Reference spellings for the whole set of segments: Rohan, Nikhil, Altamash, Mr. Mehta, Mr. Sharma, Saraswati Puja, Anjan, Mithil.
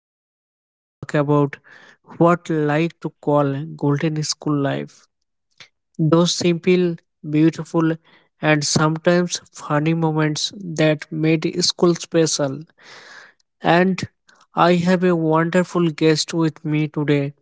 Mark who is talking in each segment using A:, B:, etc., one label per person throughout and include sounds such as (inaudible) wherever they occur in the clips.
A: we are going to talk about what I like to call golden school life. Those simple, beautiful, and sometimes funny moments that made school special. And I have a wonderful guest with me today,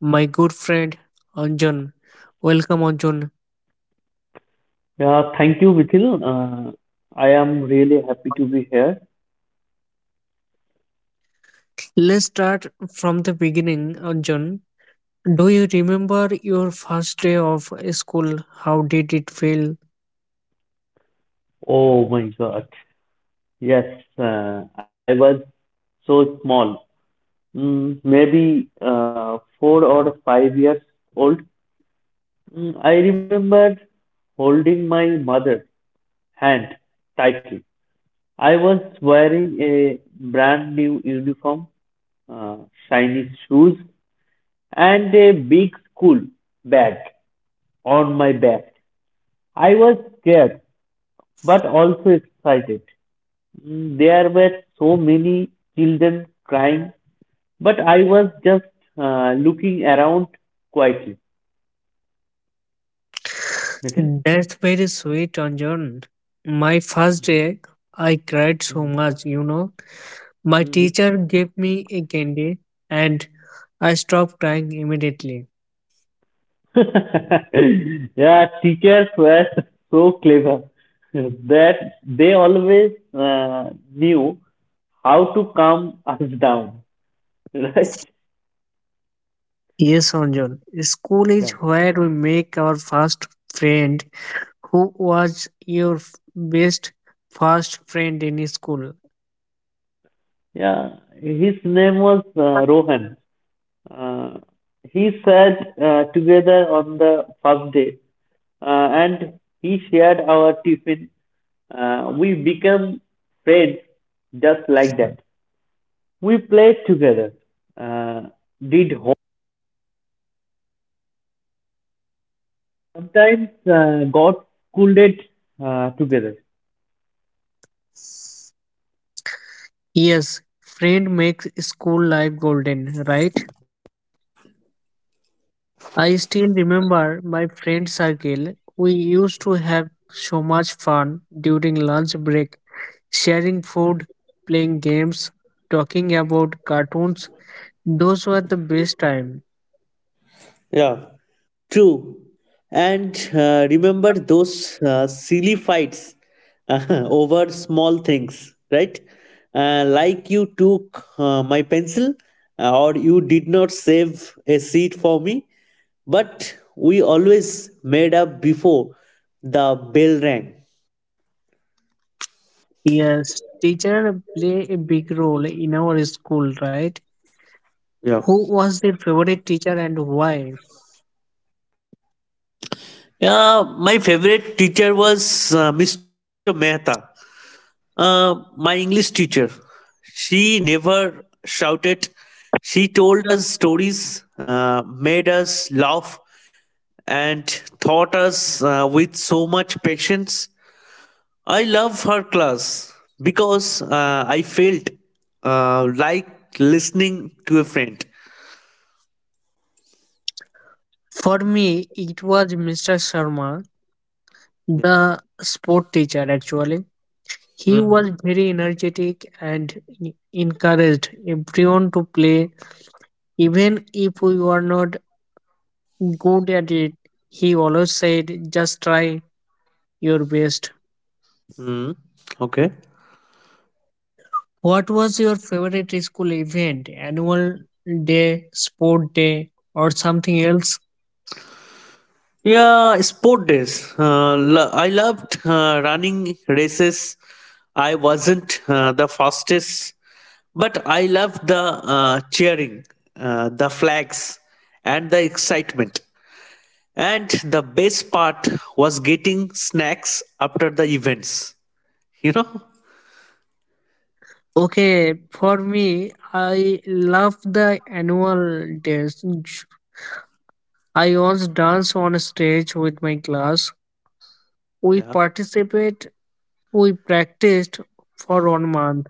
A: my good friend Anjan. Welcome, Anjan.
B: Yeah, thank you, Mithil. I am really happy to be here.
A: Let's start from the beginning, Anjan. Do you remember your first day of school? How did it feel?
B: Oh my God. Yes, I was so small, maybe 4 or 5 years old. I remember holding my mother's hand tightly. I was wearing a brand new uniform, uh, shiny shoes, and a big school bag on my back. I was scared but also excited. There were so many children crying, but I was just looking around quietly. Nikhil?
A: That's very sweet, Anjan. My first day, I cried so
B: Mm,
A: much, you know. My
B: mm.
A: teacher gave me a candy and I stopped crying immediately.
B: (laughs) Yeah, teachers were (laughs) so clever that they always knew how to calm us down, (laughs) right?
A: Yes, Anjan. School is
B: Yeah.
A: where we make our first friend. Who was your best first friend in school?
B: Yeah, his name was Rohan. Uh, he sat together on the first day and he shared our tiffin. We became friends just like that. We played together, uh, did home, sometimes got scolded together.
A: Yes, friend makes school life golden, right? I still remember my friend circle. We used to have so much fun during lunch break, sharing food, playing games, talking about cartoons. Those were the best time.
B: Yeah, true. And remember those silly fights (laughs) over small things, right? Like you took my pencil or you did not save a seat for me, but we always made up before the bell rang.
A: Yes, teacher play a big role in our school, right?
B: Yeah.
A: Who was their favorite teacher and why?
B: Yeah, my favorite teacher was Mr. Mehta. Uh, my English teacher, she never shouted. She told us stories, made us laugh, and taught us with so much patience. I love her class because I felt like listening to a friend.
A: For me, it was Mr. Sharma,
B: Yeah.
A: the sport teacher actually. He was
B: Hmm.
A: very energetic and encouraged everyone to play. Even if we were not good at it, he always said, just try your best.
B: Hmm. Okay.
A: What was your favorite school event? Annual day, sport day, or something else?
B: Yeah, sport days. I loved running races. I wasn't the fastest, but I loved the cheering, the flags, and the excitement. And the best part was getting snacks after the events. You know?
A: Okay, for me, I love the annual days. I always dance on stage with my class. We
B: Yeah.
A: participate, we practiced for 1 month,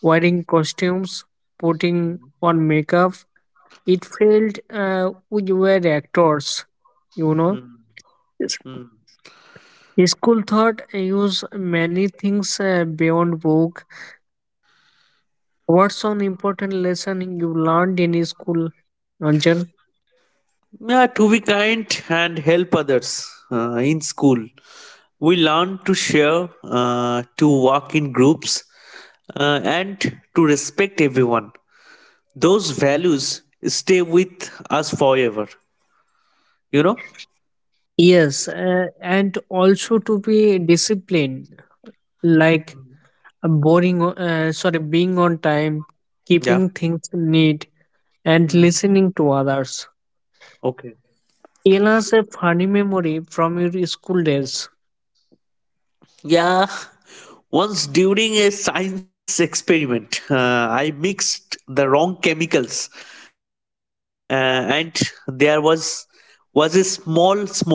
A: wearing costumes, putting on makeup. It felt we were actors, you know.
B: Mm, mm.
A: School thought use many things beyond book. What's one important lesson you learned in school, Anjan?
B: Yeah, to be kind and help others in school. We learn to share, to work in groups, and to respect everyone. Those values stay with us forever. You know?
A: Yes, and also to be disciplined, like sorry, being on time,
B: Yeah.
A: keeping things neat, and listening to others.
B: Okay.
A: Tell us a funny memory from your school days.
B: Yeah, once during a science experiment, I mixed the wrong chemicals, and there was a small smoke.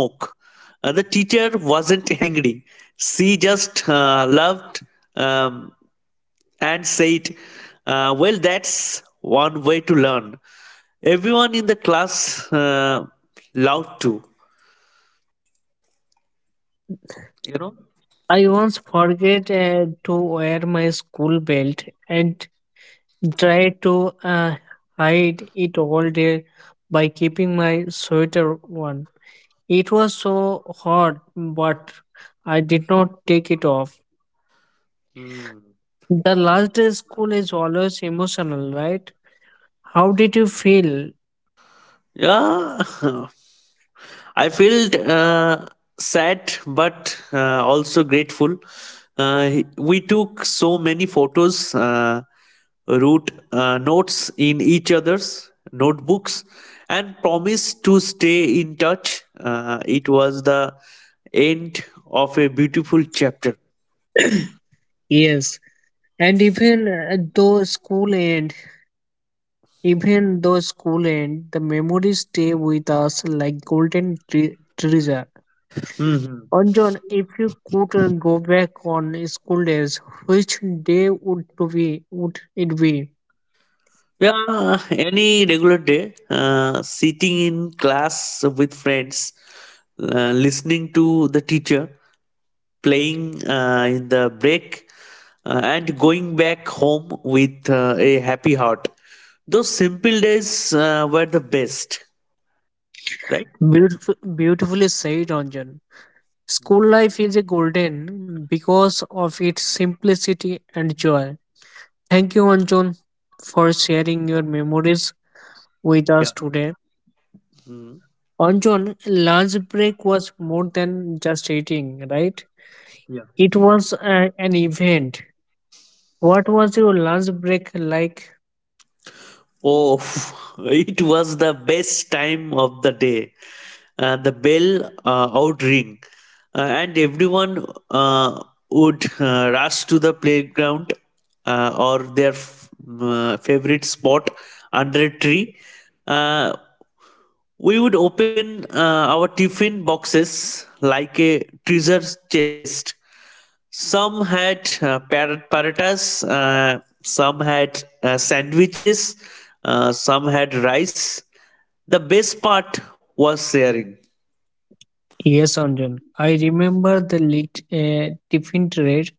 B: The teacher wasn't (laughs) angry; she just loved um, and said, "Well, that's one way to learn." Everyone in the class loved too. You know?
A: I once forget to wear my school belt and try to hide it all day by keeping my sweater on. It was so hot, but I did not take it off. The last day of school is always emotional, right? How did you feel?
B: Yeah. (laughs) I felt sad but also grateful. We took so many photos, wrote notes in each other's notebooks, and promised to stay in touch. It was the end of a beautiful chapter.
A: Yes, and even though school end, the memories stay with us like golden treasure.
B: Mhm.
A: John, if you could go back on school days, which day would to be would it be?
B: Yeah, any regular day, sitting in class with friends, listening to the teacher, playing in the break and going back home with a happy heart. Those simple days were the best, right?
A: Beautiful, beautifully said, Ranjan. School life is a golden because of its simplicity and joy. Thank you, Anjan, for sharing your memories with us
B: Yeah.
A: today.
B: Mm.
A: Anjan, lunch break was more than just eating, right?
B: Yeah.
A: It was an event. What was your lunch break like?
B: Oh, (laughs) it was the best time of the day. The bell out ring, and everyone uh, would rush to the playground or their favorite spot under a tree. Uh, We would open our tiffin boxes like a treasure chest. Some had paratas, some had sandwiches, some had rice. The best part was sharing.
A: Yes, Anjan. I remember the tiffin trade.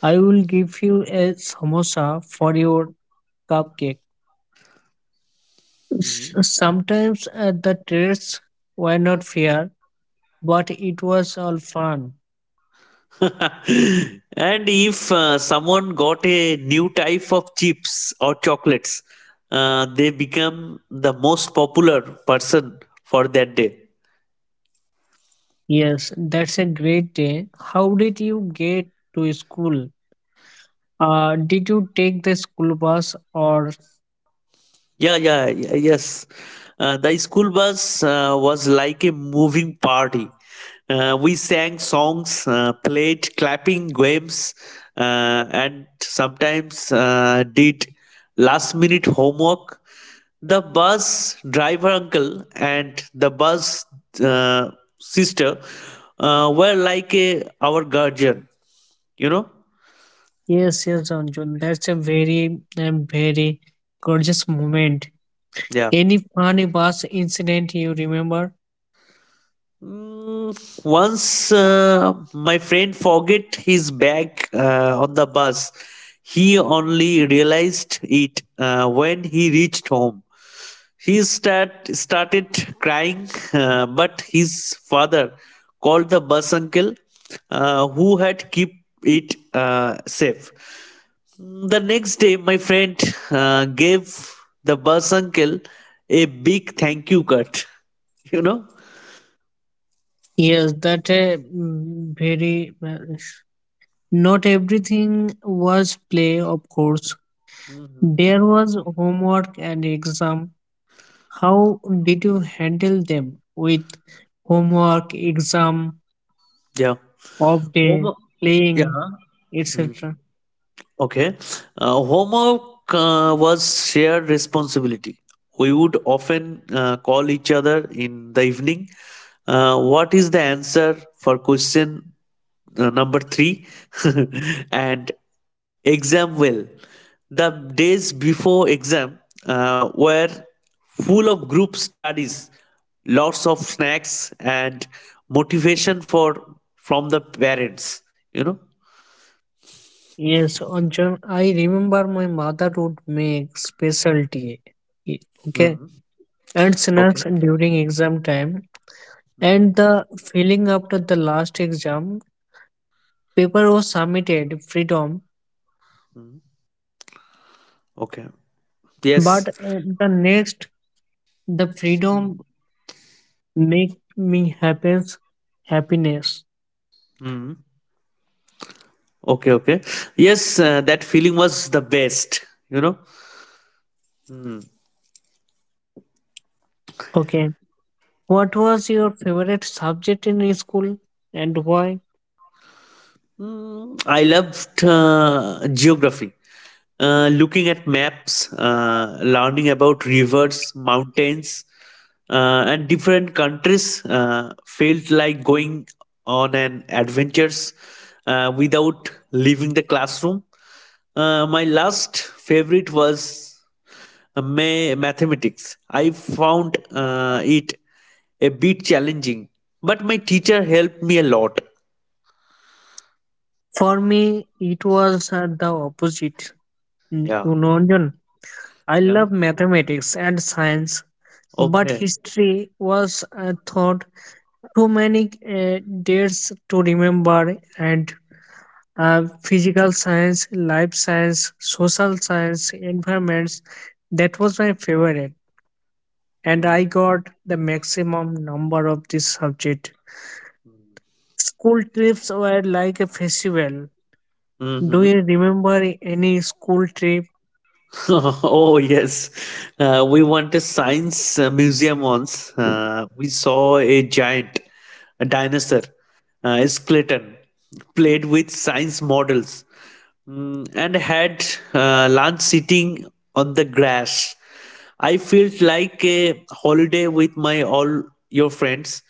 A: I will give you a samosa for your cupcake. Sometimes the trades were not fair, but it was all fun.
B: (laughs) And if someone got a new type of chips or chocolates, they become the most popular person for that day.
A: Yes, that's a great day. How did you get to school? Did you take the school bus or?
B: Yeah, yeah, yeah, yes. The school bus was like a moving party. We sang songs, played clapping games, and sometimes did last minute homework. The bus driver uncle and the bus uh, sister were like a, our guardian, you know?
A: Yes, yes, Anjan. That's a very, very gorgeous moment.
B: Yeah.
A: Any funny bus incident you remember?
B: Mm, once my friend forget his bag on the bus. He only realized it when he reached home. He started crying but his father called the bus uncle who had kept it safe. The next day my friend gave the bus uncle a big thank you card, (laughs) you know.
A: Yes, that very well. Not everything was play, of course.
B: Mhm.
A: There was homework and exam. How did you handle them with homework, exam,
B: Yeah.
A: off day,
B: Homework. Yeah.
A: playing,
B: Mm,
A: etc.?
B: Okay. Homework was shared responsibility. We would often call each other in the evening. What is the answer for question number three? (laughs) And exam will. The days before exam were full of group studies, lots of snacks, and motivation for from the parents. You know.
A: Yes, Anjan, I remember my mother would make special tea, eh, okay,
B: Mhm.
A: and
B: Okay.
A: snacks during exam time. And the feeling after the last exam paper was submitted freedom
B: Mhm. Okay. Yes.
A: but the freedom make me happens happiness.
B: Mhm. Okay. Okay. Yes, that feeling was the best. You know.
A: Okay, what was your favorite subject in school and why?
B: I loved geography. Looking at maps, learning about rivers, mountains, and different countries felt like going on an adventures without leaving the classroom. My last favorite was mathematics. I found it a bit challenging, but my teacher helped me a lot.
A: For me it was the opposite. Mm,
B: Yeah.
A: you know Anjan, I
B: Yeah.
A: love mathematics and science but
B: Okay.
A: history was thought too many uh, dates to remember and physical science, life science, social science, environments. That was my favorite, and I
B: Mm-hmm.
A: got the maximum number of this subject. School trips were like a festival. Do
B: Mm-hmm.
A: you remember any school trip?
B: (laughs) Oh, yes. We went to science museum once. We saw a giant, a dinosaur, a skeleton, played with science models, and had lunch sitting on the grass. I felt like a holiday with my all your friends.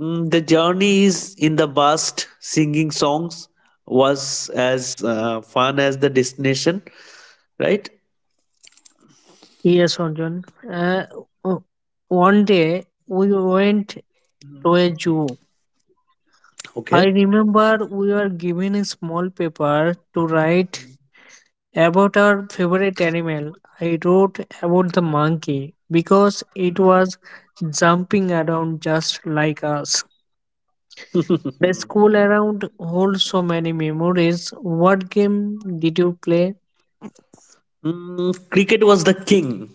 B: The journey is in the past. Singing songs was as fun as the destination, right?
A: Yes, Arjun. Uh, o- one day we went to a zoo.
B: Okay.
A: I remember we were given a small paper to write about our favorite animal. I wrote about the monkey because it was jumping around just like us. The school around holds so many memories. What game did you play?
B: Cricket was the king.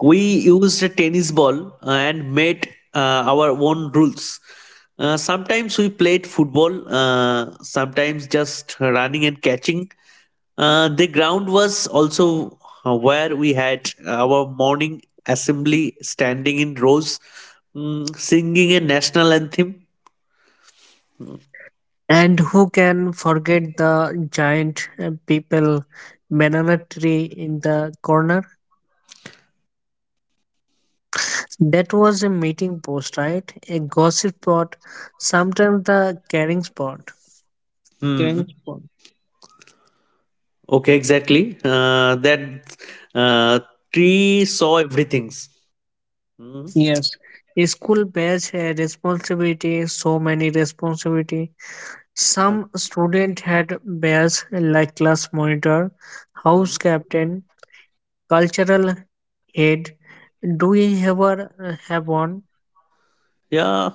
B: We used a tennis ball and made our own rules. Sometimes we played football, sometimes just running and catching. The ground was also where we had our morning assembly standing in rows, singing a national anthem.
A: And who can forget the giant people banana tree in the corner? That was a meeting post, right? A gossip spot, sometimes the caring spot. Caring
B: Hmm.
A: spot.
B: Okay, exactly. That uh, tree saw everything.
A: Yes, school bears a responsibility, so many responsibility.
B: Yeah.
A: Some student had bears like class monitor, house
B: Mhm.
A: captain, cultural head. Do you ever have one?
B: Yeah,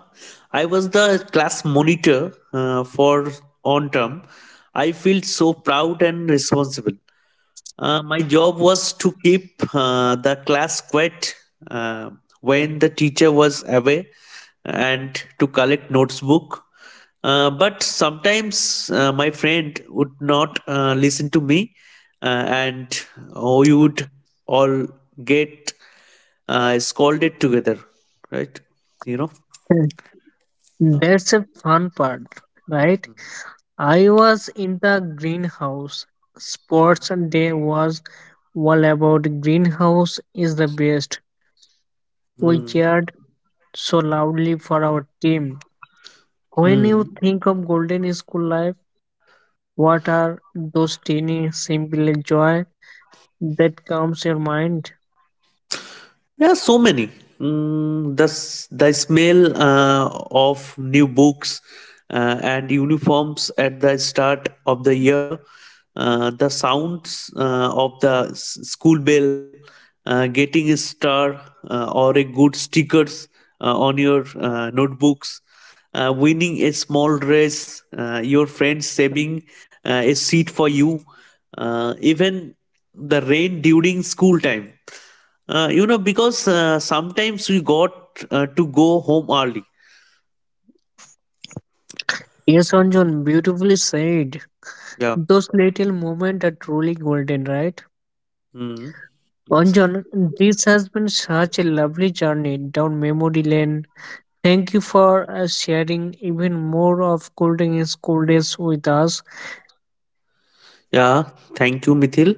B: I was the class monitor for on term. I feel so proud and responsible. My job was to keep the class quiet uh, when the teacher was away and to collect notebook. But sometimes my friend would not listen to me, and oh, we would all get scolded together, right? You know.
A: Hmm. That's a fun part, right? I was in the greenhouse. Sports day was all about greenhouse is the best. We
B: Mm.
A: cheered so loudly for our team. When you
B: Mm.
A: think of golden school life, what are those teeny simple joy that comes your mind?
B: Yeah, so many. The smell of new books and uniforms at the start of the year, the sounds of the school bell, getting a star or a good stickers on your notebooks, winning a small race, your friends saving a seat for you, even the rain during school time, you know, because sometimes we got to go home early.
A: Yes, Anjan, beautifully said.
B: Yeah.
A: Those little moments are truly golden, right?
B: Hmm. Yes.
A: Anjan, this has been such a lovely journey down memory lane. Thank you for sharing even more of golden school days with us.
B: Yeah. Thank you, Mithil.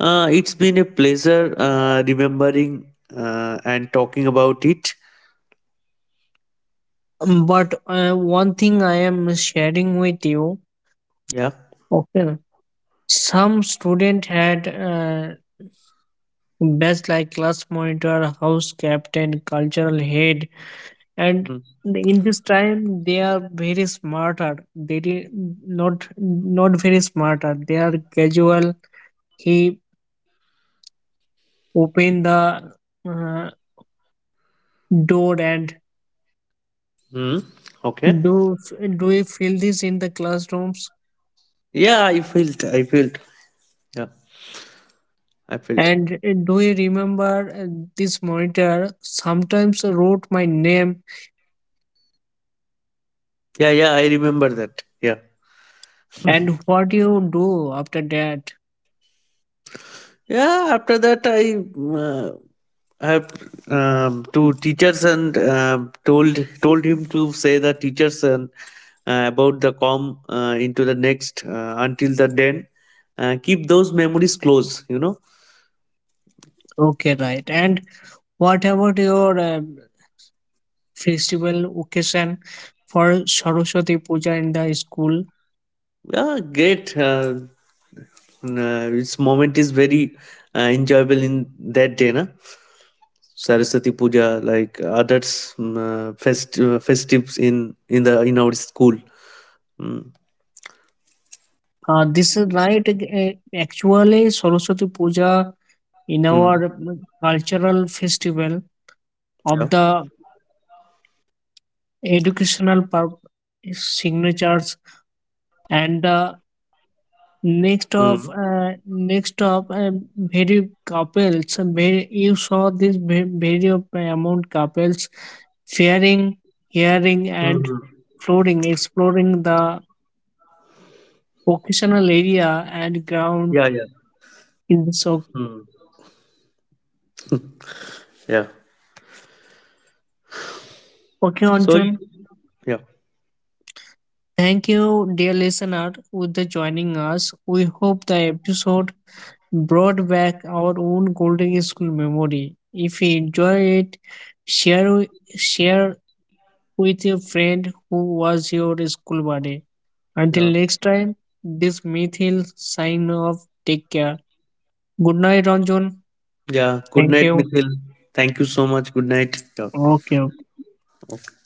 B: It's been a pleasure remembering and talking about it.
A: But one thing I am sharing with you,
B: Yeah.
A: okay? Some student had best like class monitor, house captain, cultural head, and
B: Hmm.
A: in this time they are very smarter. They did not not very smarter. They are casual. He open the uh, door and
B: Hmm. Okay.
A: do do we feel this in the classrooms?
B: Yeah, I felt. I felt. Yeah, I felt.
A: And do you remember this monitor sometimes wrote my name
B: Yeah, yeah, I remember that. Yeah.
A: and what you do after that?
B: Yeah, after that uh, I have to teachers and told him to say the teachers and about the com into the next until the then keep those memories close. You know.
A: Okay, right. And what about your festival occasion for Saraswati Puja in the school.
B: Yeah, great. This moment is very enjoyable in that day, na. Saraswati Puja, like others festives in our school. Mm,
A: This is right. Actually, Saraswati Puja in
B: mm.
A: our cultural festival
B: Yeah.
A: of the educational signatures and the
B: Mm.
A: next of very couples. Very, you saw this very of amount couples faring, hearing,
B: Mm-hmm.
A: and exploring the vocational area and
B: Yeah,
A: ground
B: yeah.
A: in the sock.
B: Mm. Yeah.
A: Okay,
B: Sorry.
A: Okeonjon.
B: Yeah.
A: Thank you, dear listener, with the joining us. We hope the episode brought back our own golden school memory. If you enjoy it, share share with your friend who was your school buddy. Until
B: Yeah.
A: next time, this Mithil sign off. Take care. Good night, Ranjan.
B: Yeah. Good
A: Thank
B: night,
A: you.
B: Nikhil. Thank you so much. Good night. Yeah.
A: Okay. Okay.
B: Okay.